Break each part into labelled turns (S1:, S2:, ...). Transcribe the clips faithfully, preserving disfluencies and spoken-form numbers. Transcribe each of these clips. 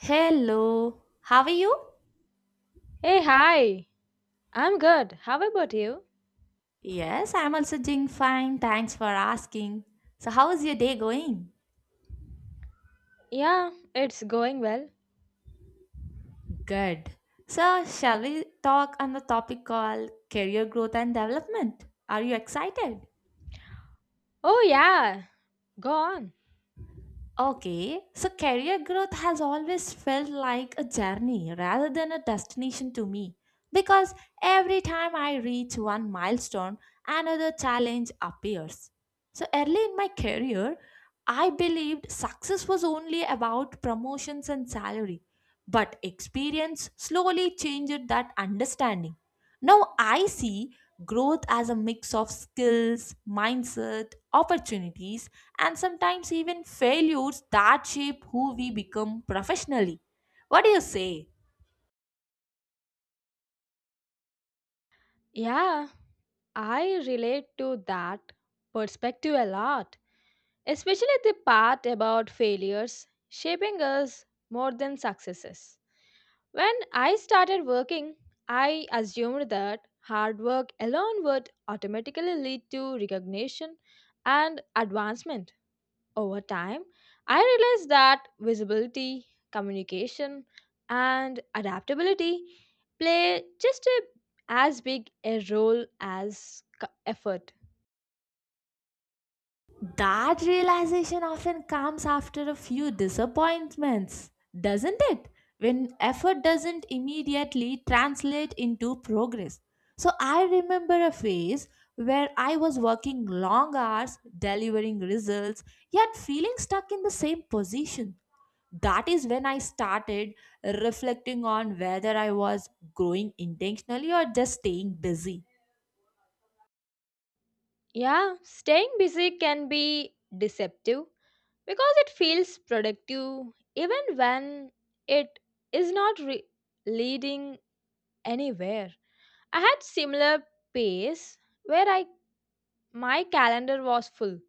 S1: Hello, how are you?
S2: Hey, hi. I'm good. How about you?
S1: Yes, I'm also doing fine. Thanks for asking. So, how is your day going?
S2: Yeah, it's going well.
S1: Good. So, shall we talk on the topic called career growth and development? Are you excited?
S2: Oh, yeah. Go on.
S1: Okay, so career growth has always felt like a journey rather than a destination to me because every time I reach one milestone, another challenge appears. So early in my career, I believed success was only about promotions and salary, but experience slowly changed that understanding. Now I see growth as a mix of skills, mindset, opportunities and sometimes even failures that shape who we become professionally. What do you say?
S2: Yeah, I relate to that perspective a lot, especially the part about failures shaping us more than successes. When I started working, I assumed that hard work alone would automatically lead to recognition and advancement. Over time, I realized that visibility, communication, and adaptability play just a, as big a role as co- effort.
S1: That realization often comes after a few disappointments, doesn't it? When effort doesn't immediately translate into progress. So I remember a phase where I was working long hours, delivering results, yet feeling stuck in the same position. That is when I started reflecting on whether I was growing intentionally or just staying busy.
S2: Yeah, staying busy can be deceptive because it feels productive even when it is not re- leading anywhere. I had similar pace where I my calendar was full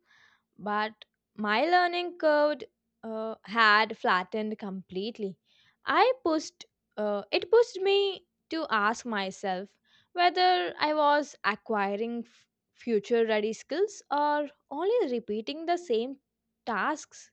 S2: but my learning curve uh, had flattened completely. I pushed, uh, it pushed me to ask myself whether I was acquiring future ready skills or only repeating the same tasks.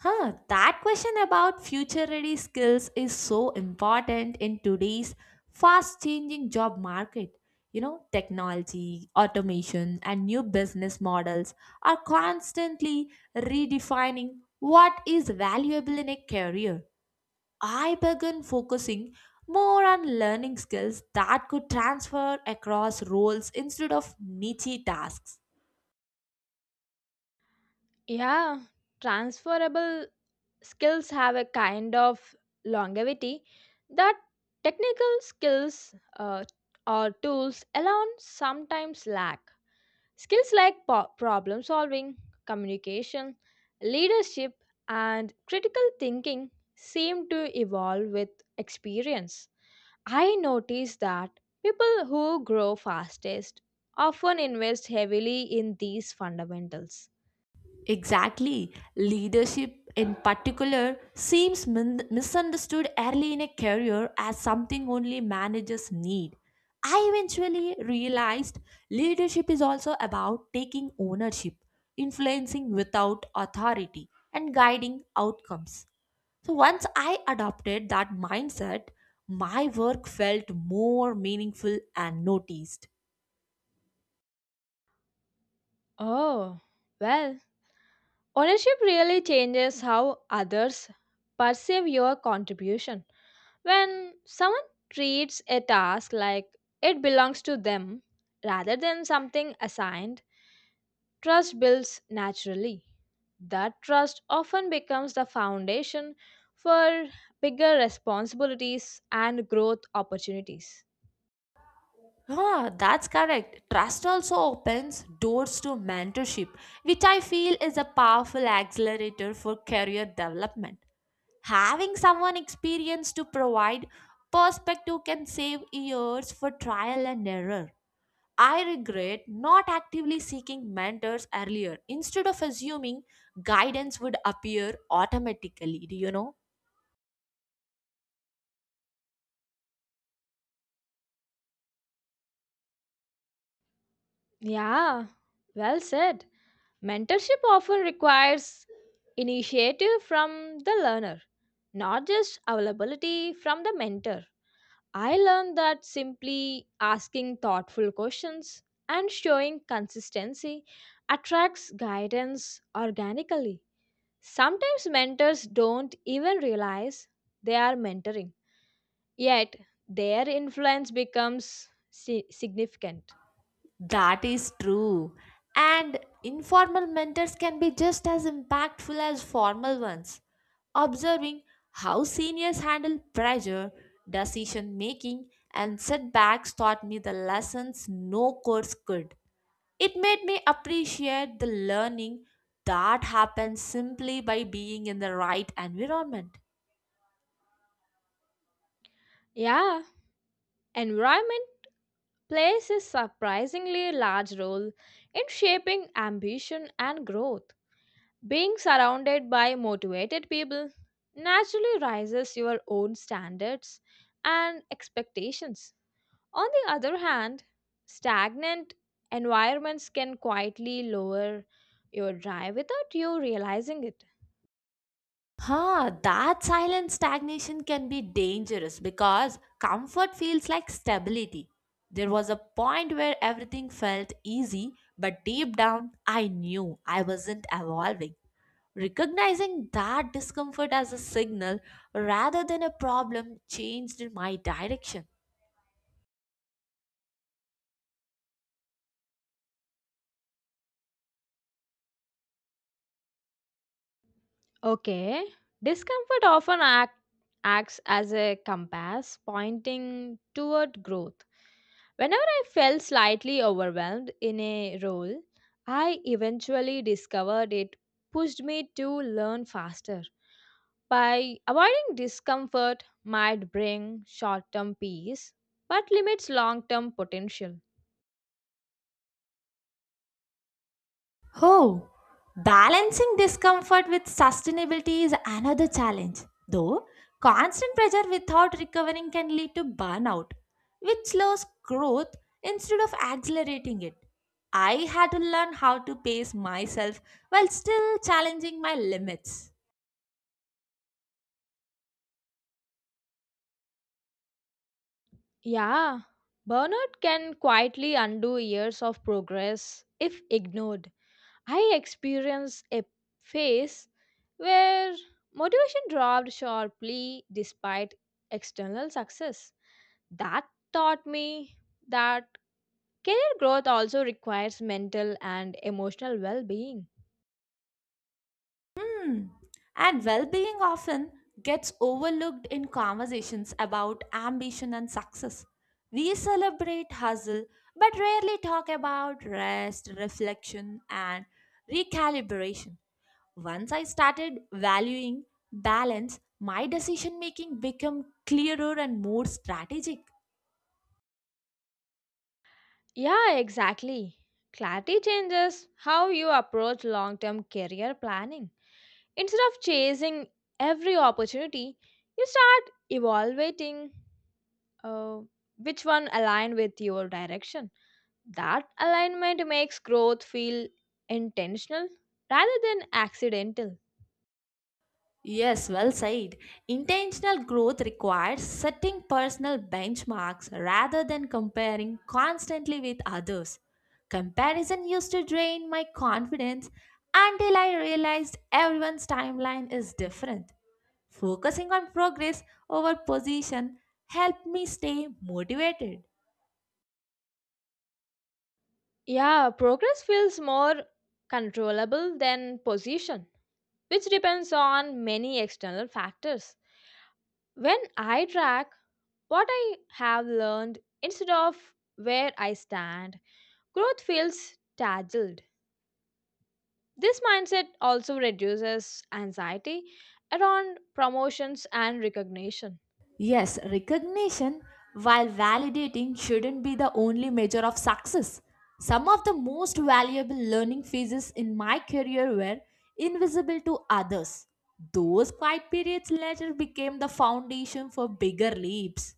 S1: Huh, that question about future ready skills is so important in today's fast changing job market. You know, technology, automation, and new business models are constantly redefining what is valuable in a career. I began focusing more on learning skills that could transfer across roles instead of niche tasks.
S2: Yeah, transferable skills have a kind of longevity that technical skills uh, or tools alone sometimes lack. Skills like po- problem solving, communication, leadership, and critical thinking seem to evolve with experience. I notice that people who grow fastest often invest heavily in these fundamentals.
S1: Exactly. Leadership, in particular, seems min- misunderstood early in a career as something only managers need. I eventually realized leadership is also about taking ownership, influencing without authority, and guiding outcomes. So once I adopted that mindset, my work felt more meaningful and noticed.
S2: Oh, well, ownership really changes how others perceive your contribution. When someone treats a task like it belongs to them rather than something assigned, trust builds naturally. That trust often becomes the foundation for bigger responsibilities and growth opportunities.
S1: Ah, that's correct. Trust also opens doors to mentorship, which I feel is a powerful accelerator for career development. Having someone experienced to provide perspective can save years for trial and error. I regret not actively seeking mentors earlier instead of assuming guidance would appear automatically. Do you know?
S2: Yeah, well said. Mentorship often requires initiative from the learner, not just availability from the mentor. I learned that simply asking thoughtful questions and showing consistency attracts guidance organically. Sometimes mentors don't even realize they are mentoring, yet, their influence becomes si- significant.
S1: That is true. And informal mentors can be just as impactful as formal ones. Observing how seniors handle pressure, decision making, and setbacks taught me the lessons no course could. It made me appreciate the learning that happens simply by being in the right environment.
S2: Yeah, environment plays a surprisingly large role in shaping ambition and growth. Being surrounded by motivated people naturally raises your own standards and expectations. On the other hand, stagnant environments can quietly lower your drive without you realizing it.
S1: Huh, that silent stagnation can be dangerous because comfort feels like stability. There was a point where everything felt easy, but deep down, I knew I wasn't evolving. Recognizing that discomfort as a signal rather than a problem changed my direction.
S2: Okay, discomfort often act, acts as a compass pointing toward growth. Whenever I felt slightly overwhelmed in a role, I eventually discovered it pushed me to learn faster. By avoiding discomfort might bring short term peace but limits long term potential.
S1: Oh, balancing discomfort with sustainability is another challenge. Though, constant pressure without recovering can lead to burnout, which slows growth instead of accelerating it. I had to learn how to pace myself while still challenging my limits.
S2: Yeah, burnout can quietly undo years of progress if ignored. I experienced a phase where motivation dropped sharply despite external success. That taught me that career growth also requires mental and emotional well being.
S1: Hmm. And well being often gets overlooked in conversations about ambition and success. We celebrate hustle but rarely talk about rest, reflection, and recalibration. Once I started valuing balance, my decision making became clearer and more strategic.
S2: Yeah, exactly. Clarity changes how you approach long term career planning. Instead of chasing every opportunity, you start evaluating uh, which one align with your direction. That alignment makes growth feel intentional rather than accidental.
S1: Yes, well said. Intentional growth requires setting personal benchmarks rather than comparing constantly with others. Comparison used to drain my confidence until I realized everyone's timeline is different. Focusing on progress over position helped me stay motivated.
S2: Yeah, progress feels more controllable than position, which depends on many external factors. When I track what I have learned instead of where I stand, growth feels tangled. This mindset also reduces anxiety around promotions and recognition.
S1: Yes, recognition, while validating, shouldn't be the only measure of success. Some of the most valuable learning phases in my career were invisible to others. Those quiet periods later became the foundation for bigger leaps.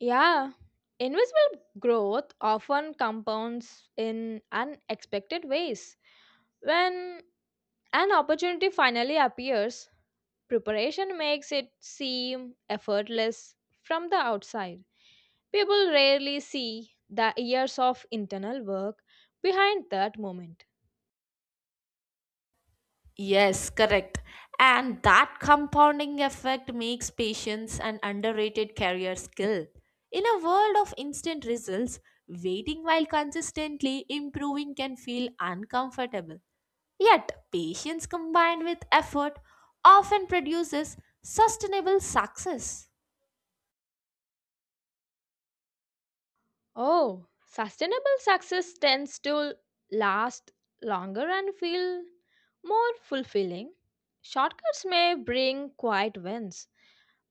S2: Yeah, invisible growth often compounds in unexpected ways. When an opportunity finally appears, preparation makes it seem effortless from the outside. People rarely see the years of internal work behind that moment.
S1: Yes, correct. And that compounding effect makes patience an underrated career skill. In a world of instant results, waiting while consistently improving can feel uncomfortable. Yet, patience combined with effort often produces sustainable success.
S2: Oh, sustainable success tends to last longer and feel more fulfilling. Shortcuts may bring quiet wins,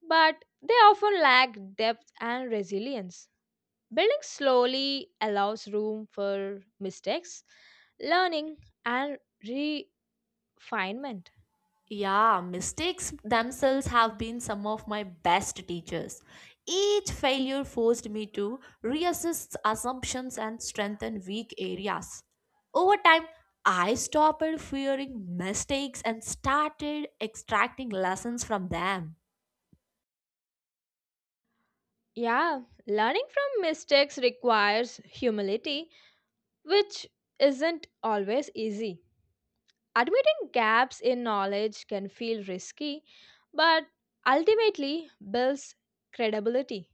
S2: but they often lack depth and resilience. Building slowly allows room for mistakes, learning, and refinement.
S1: Yeah, mistakes themselves have been some of my best teachers. Each failure forced me to reassess assumptions and strengthen weak areas. Over time, I stopped fearing mistakes and started extracting lessons from them.
S2: Yeah, learning from mistakes requires humility, which isn't always easy. Admitting gaps in knowledge can feel risky, but ultimately builds credibility.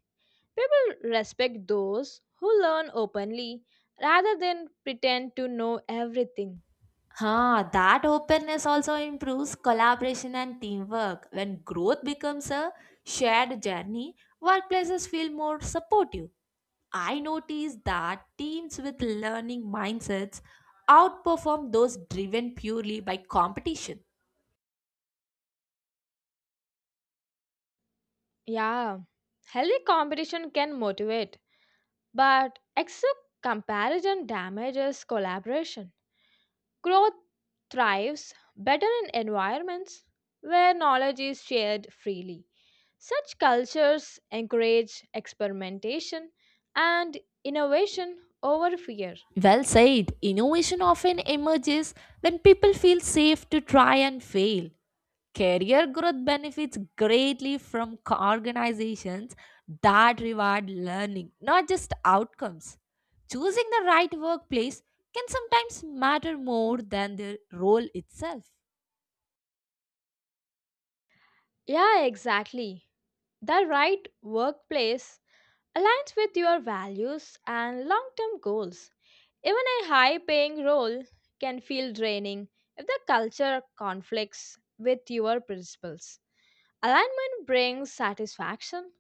S2: People respect those who learn openly rather than pretend to know everything.
S1: Huh, that openness also improves collaboration and teamwork. When growth becomes a shared journey, workplaces feel more supportive. I notice that teams with learning mindsets outperform those driven purely by competition.
S2: Yeah, healthy competition can motivate, but excessive comparison damages collaboration. Growth thrives better in environments where knowledge is shared freely. Such cultures encourage experimentation and innovation over fear.
S1: Well said, innovation often emerges when people feel safe to try and fail. Career growth benefits greatly from co- organizations that reward learning, not just outcomes. Choosing the right workplace can sometimes matter more than the role itself.
S2: Yeah, exactly. The right workplace aligns with your values and long term goals. Even a high paying role can feel draining if the culture conflicts with your principles. Alignment brings satisfaction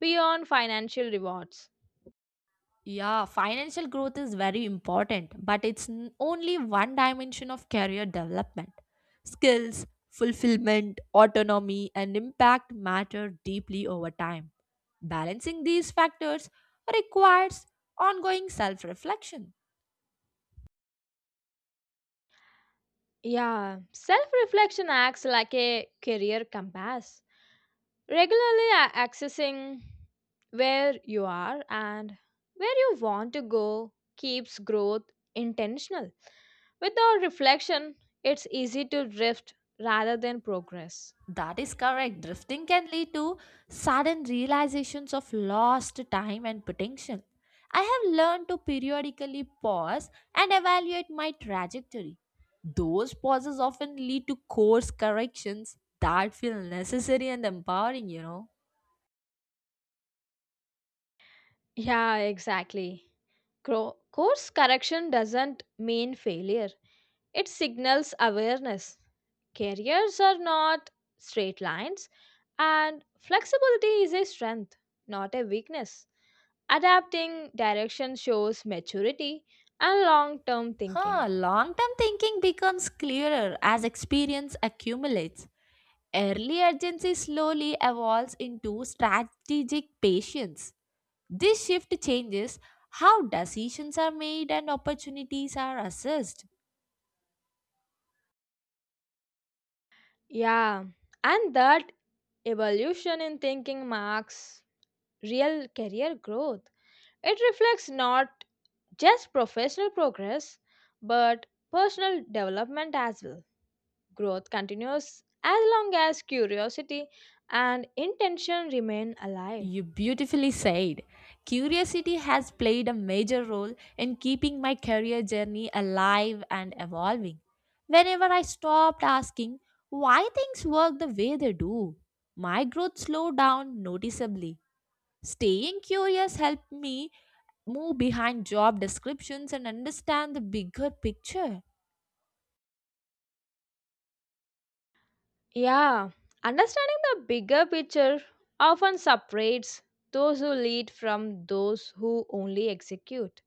S2: beyond financial rewards.
S1: Yeah, financial growth is very important, but it's n- only one dimension of career development. Skills, fulfillment, autonomy, and impact matter deeply over time. Balancing these factors requires ongoing self reflection.
S2: Yeah, self reflection acts like a career compass. regularly a- accessing where you are and where you want to go keeps growth intentional. Without reflection, it's easy to drift rather than progress.
S1: That is correct. Drifting can lead to sudden realizations of lost time and potential. I have learned to periodically pause and evaluate my trajectory. Those pauses often lead to course corrections that feel necessary and empowering, you know.
S2: Yeah, exactly. Cro- course correction doesn't mean failure, it signals awareness. Careers are not straight lines, and flexibility is a strength, not a weakness. Adapting direction shows maturity and long term
S1: Huh,
S2: thinking.
S1: long term thinking becomes clearer as experience accumulates. Early urgency slowly evolves into strategic patience. This shift changes how decisions are made and opportunities are assessed.
S2: Yeah, and that evolution in thinking marks real career growth. It reflects not just professional progress but personal development as well. Growth continues as long as curiosity and intention remain alive.
S1: You beautifully said. Curiosity has played a major role in keeping my career journey alive and evolving. Whenever I stopped asking why things work the way they do, my growth slowed down noticeably. Staying curious helped me move behind job descriptions and understand the bigger picture.
S2: Yeah, understanding the bigger picture often separates those who lead from those who only execute.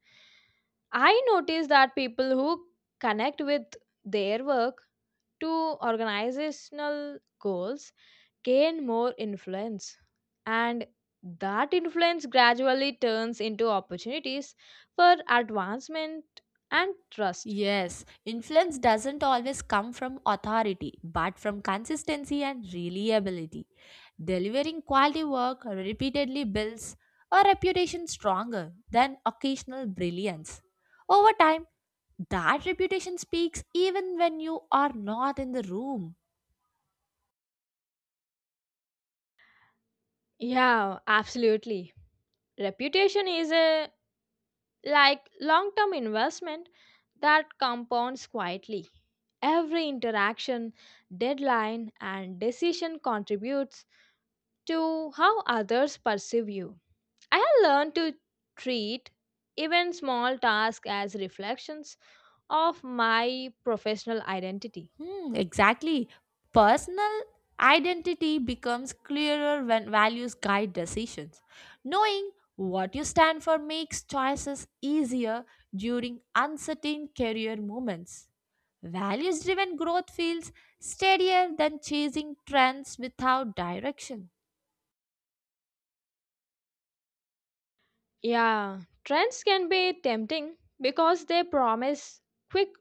S2: I notice that people who connect with their work to organizational goals gain more influence, and that influence gradually turns into opportunities for advancement and trust.
S1: Yes, influence doesn't always come from authority, but from consistency and reliability. Delivering quality work repeatedly builds a reputation stronger than occasional brilliance. Over time, that reputation speaks even when you are not in the room.
S2: Yeah, absolutely. Reputation is a like long term investment that compounds quietly. Every interaction, deadline, and decision contributes to how others perceive you. I have learned to treat even small tasks as reflections of my professional identity.
S1: Hmm, exactly. Personal identity becomes clearer when values guide decisions. Knowing what you stand for makes choices easier during uncertain career moments. Values driven growth feels steadier than chasing trends without direction.
S2: Yeah, trends can be tempting because they promise quick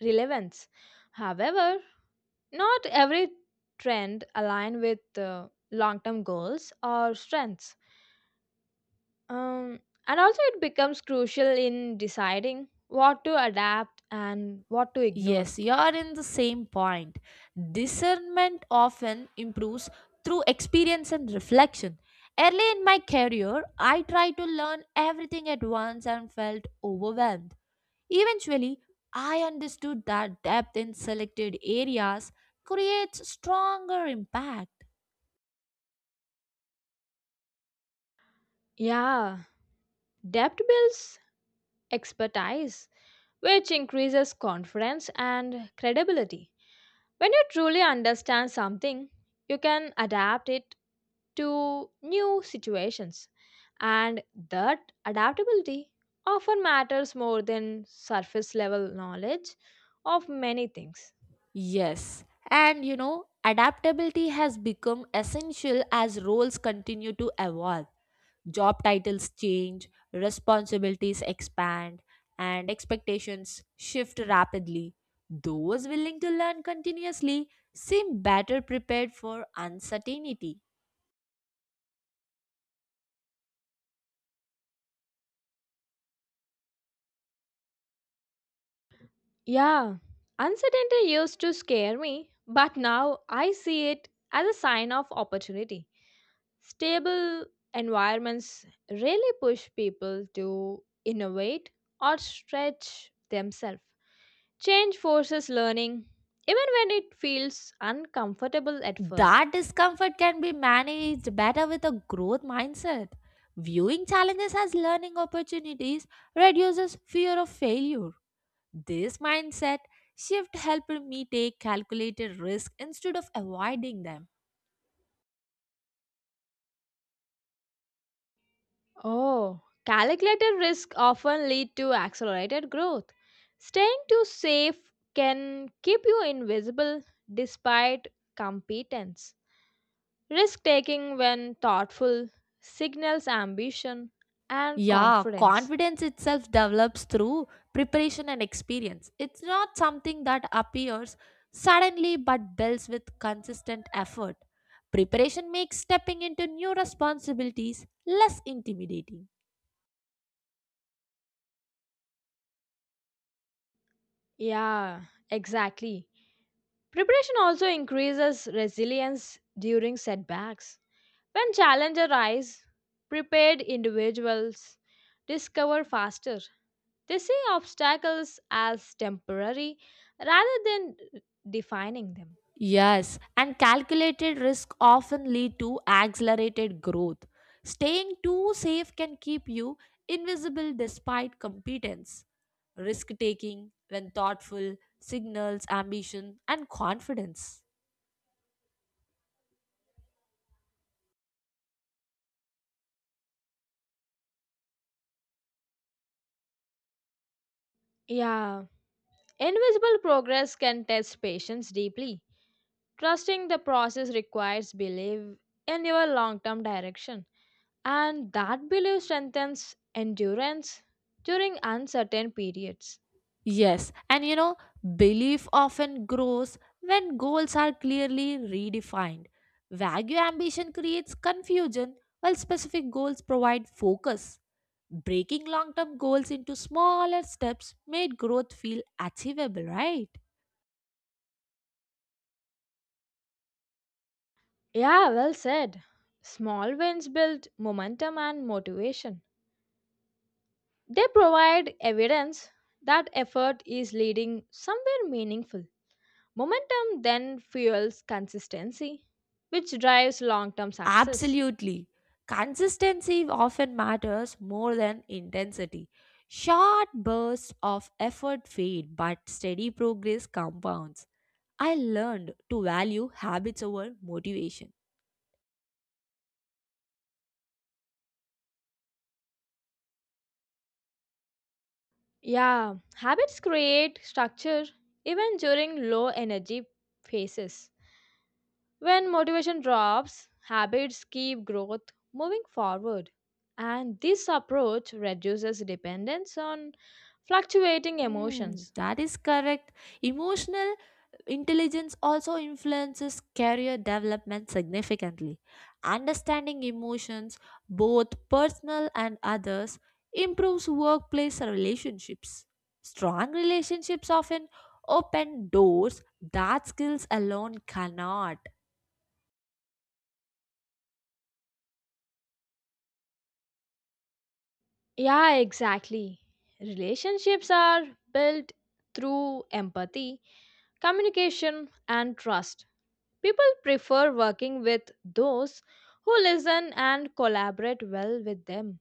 S2: relevance. However, not every trend align with uh, long-term goals or strengths. Um, and also it becomes crucial in deciding what to adapt and what to ignore.
S1: Yes, you are in the same point. Discernment often improves through experience and reflection. Early in my career, I tried to learn everything at once and felt overwhelmed. Eventually, I understood that depth in selected areas creates stronger impact.
S2: Yeah, depth builds expertise, which increases confidence and credibility. When you truly understand something, you can adapt it to new situations. And that adaptability often matters more than surface level knowledge of many things.
S1: Yes, and you know, adaptability has become essential as roles continue to evolve. Job titles change, responsibilities expand, and expectations shift rapidly. Those willing to learn continuously seem better prepared for uncertainty.
S2: Yeah, uncertainty used to scare me, but now I see it as a sign of opportunity. Stable environments really push people to innovate or stretch themselves. Change forces learning, even when it feels uncomfortable at first.
S1: That discomfort can be managed better with a growth mindset. Viewing challenges as learning opportunities reduces fear of failure. This mindset shift helped me take calculated risk instead of avoiding them.
S2: Oh, calculated risk often lead to accelerated growth. Staying too safe can keep you invisible despite competence. Risk taking when thoughtful signals ambition and
S1: Yeah,
S2: confidence.
S1: confidence itself develops through preparation and experience. It's not something that appears suddenly but builds with consistent effort. Preparation makes stepping into new responsibilities less intimidating.
S2: Yeah, exactly. Preparation also increases resilience during setbacks. When challenges arise, prepared individuals discover faster. They see obstacles as temporary rather than defining them.
S1: Yes, and calculated risk often lead to accelerated growth. Staying too safe can keep you invisible despite competence. Risk taking, when thoughtful, signals ambition and confidence.
S2: Yeah, invisible progress can test patience deeply. Trusting the process requires belief in your long term direction, and that belief strengthens endurance during uncertain periods.
S1: Yes, and you know, belief often grows when goals are clearly redefined. Vague ambition creates confusion, while specific goals provide focus. Breaking long term goals into smaller steps made growth feel achievable, right?
S2: Yeah, well said. Small wins build momentum and motivation. They provide evidence that effort is leading somewhere meaningful. Momentum then fuels consistency, which drives long term success.
S1: Absolutely. Consistency often matters more than intensity. Short bursts of effort fade, but steady progress compounds. I learned to value habits over motivation.
S2: Yeah, habits create structure even during low energy phases. When motivation drops, habits keep growth moving forward. And this approach reduces dependence on fluctuating
S1: Hmm,
S2: emotions.
S1: that is correct. Emotional Intelligence also influences career development significantly. Understanding emotions, both personal and others, improves workplace relationships. Strong relationships often open doors that skills alone cannot.
S2: Yeah, exactly. Relationships are built through empathy, communication, and trust. People prefer working with those who listen and collaborate well with them.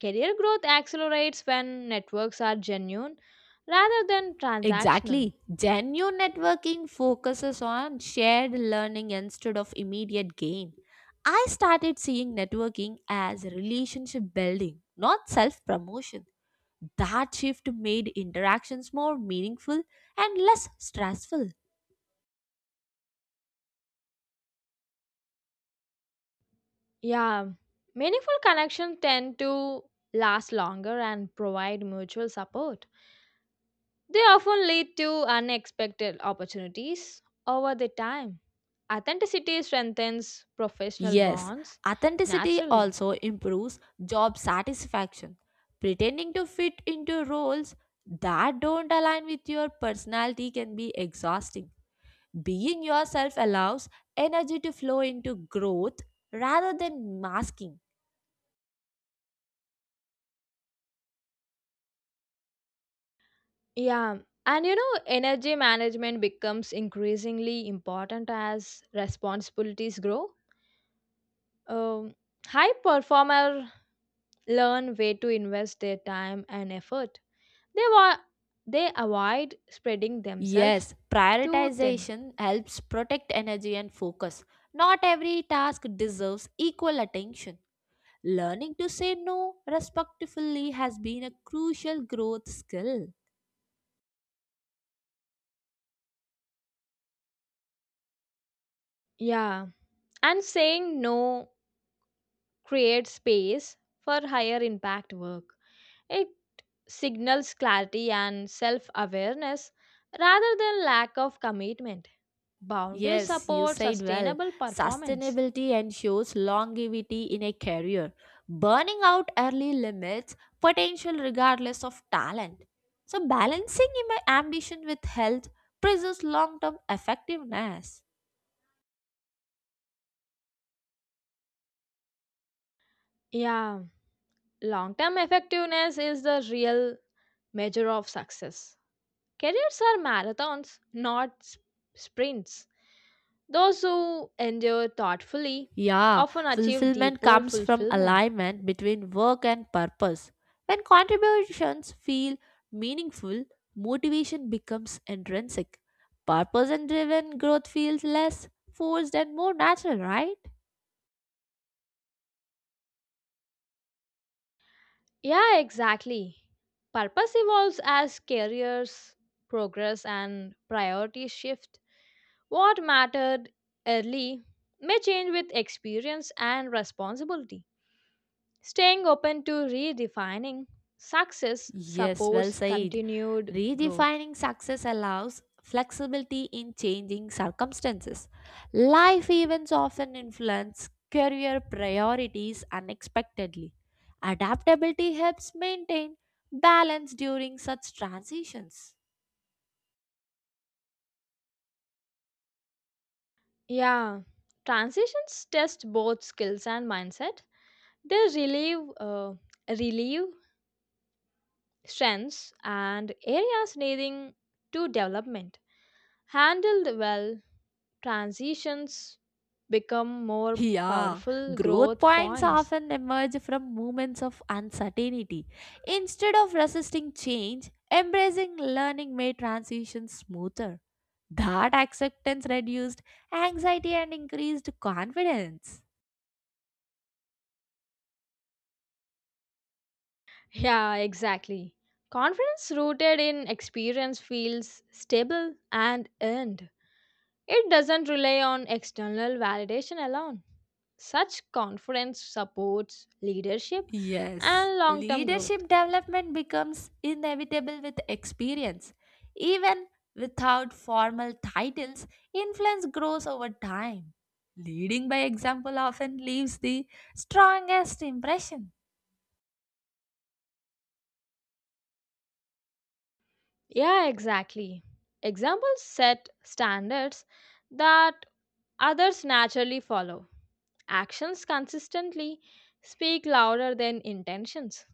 S2: Career growth accelerates when networks are genuine rather than transactional.
S1: Exactly. Genuine networking focuses on shared learning instead of immediate gain. I started seeing networking as relationship building, not self promotion. That shift made interactions more meaningful and less stressful.
S2: Yeah, meaningful connections tend to last longer and provide mutual support. They often lead to unexpected opportunities over the time. Authenticity strengthens professional
S1: Yes,
S2: bonds
S1: authenticity
S2: naturally.
S1: also improves job satisfaction. Pretending to fit into roles that don't align with your personality can be exhausting. Being yourself allows energy to flow into growth rather than masking.
S2: Yeah, and you know, energy management becomes increasingly important as responsibilities grow. Um, High performers learn way to invest their time and effort. They wa- they avoid spreading themselves
S1: Yes,
S2: too thin.
S1: prioritization helps protect energy and focus. Not every task deserves equal attention. Learning to say no respectfully has been a crucial growth skill.
S2: Yeah, and saying no creates space for higher impact work. It signals clarity and self awareness rather than lack of commitment. Boundaries
S1: Yes, you
S2: support
S1: said well.
S2: sustainable performance.
S1: Sustainability ensures longevity in a career. Burning out early limits potential regardless of talent. So, balancing my ambition with health preserves long term effectiveness.
S2: Yeah, long term effectiveness is the real measure of success. Careers are marathons, not s- sprints. Those who endure thoughtfully
S1: Yeah,
S2: often achieve
S1: fulfillment
S2: deeper
S1: comes from
S2: fulfillment.
S1: alignment between work and purpose. When contributions feel meaningful, motivation becomes intrinsic. Purpose and driven growth feels less forced and more natural, right?
S2: Yeah, exactly. Purpose evolves as careers progress and priorities shift. What mattered early may change with experience and responsibility. Staying open to redefining success
S1: Yes, well
S2: supports
S1: said.
S2: continued growth.
S1: Redefining success allows flexibility in changing circumstances. Life events often influence career priorities unexpectedly. Adaptability helps maintain balance during such transitions.
S2: Yeah, transitions test both skills and mindset. They relieve, uh, relieve strengths and areas needing to development. Handled well, transitions become more
S1: Yeah,
S2: powerful
S1: growth
S2: growth
S1: points
S2: points.
S1: often emerge from moments of uncertainty. Instead of resisting change, embracing learning made transitions smoother. That acceptance reduced anxiety and increased confidence.
S2: Yeah, exactly. Confidence rooted in experience feels stable and earned. It doesn't rely on external validation alone. Such confidence supports leadership
S1: Yes,
S2: and long term
S1: leadership
S2: growth.
S1: development becomes inevitable with experience. Even without formal titles, influence grows over time. Leading by example often leaves the strongest impression.
S2: Yeah, exactly. Examples set standards that others naturally follow. Actions consistently speak louder than intentions,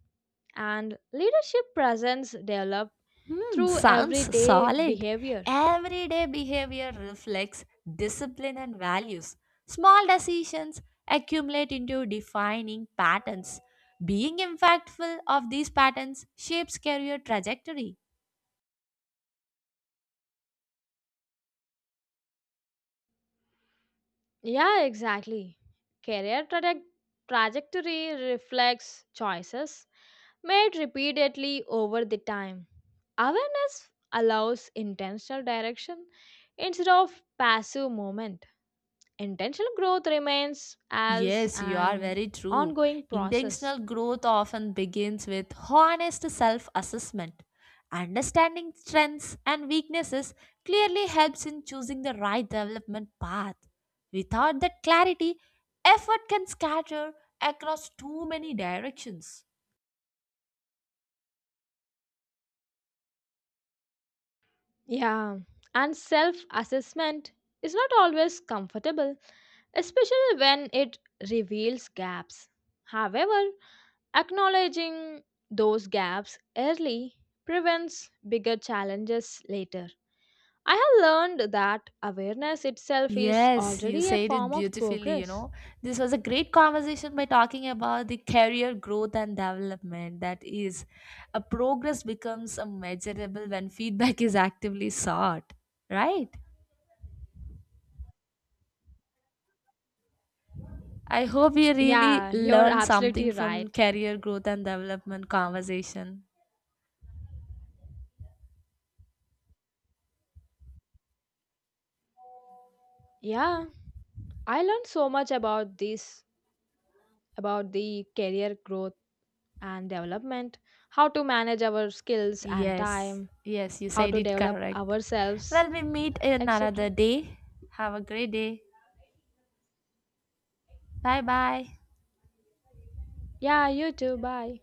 S2: and leadership presence develop
S1: Hmm,
S2: through
S1: sounds
S2: everyday
S1: solid.
S2: behavior.
S1: Everyday behavior reflects discipline and values. Small decisions accumulate into defining patterns. Being impactful of these patterns shapes career trajectory.
S2: Yeah, exactly. Career traje- trajectory reflects choices made repeatedly over the time. Awareness allows intentional direction instead of passive movement. Intentional growth remains as
S1: Yes, you are
S2: an
S1: very true.
S2: ongoing process.
S1: Intentional growth often begins with honest self assessment. Understanding strengths and weaknesses clearly helps in choosing the right development path. Without that clarity, effort can scatter across too many directions.
S2: Yeah, and self assessment is not always comfortable, especially when it reveals gaps. However, acknowledging those gaps early prevents bigger challenges later. I have learned that awareness itself is
S1: Yes, you
S2: already a
S1: said it
S2: form of
S1: beautifully. You
S2: progress.
S1: know, this was a great conversation by talking about the career growth and development. That is, a progress becomes a measurable when feedback is actively sought, right? I hope you really
S2: Yeah, you're
S1: learned something
S2: absolutely
S1: from
S2: right.
S1: career growth and development conversation.
S2: Yeah, I learned so much about this, about the career growth and development, how to manage our skills and
S1: Yes,
S2: time,
S1: yes, you
S2: how
S1: said
S2: to
S1: it
S2: develop
S1: correct.
S2: ourselves,
S1: Well, we meet in another
S2: et cetera.
S1: day. Have a great day. Bye bye.
S2: Yeah, you too. Bye.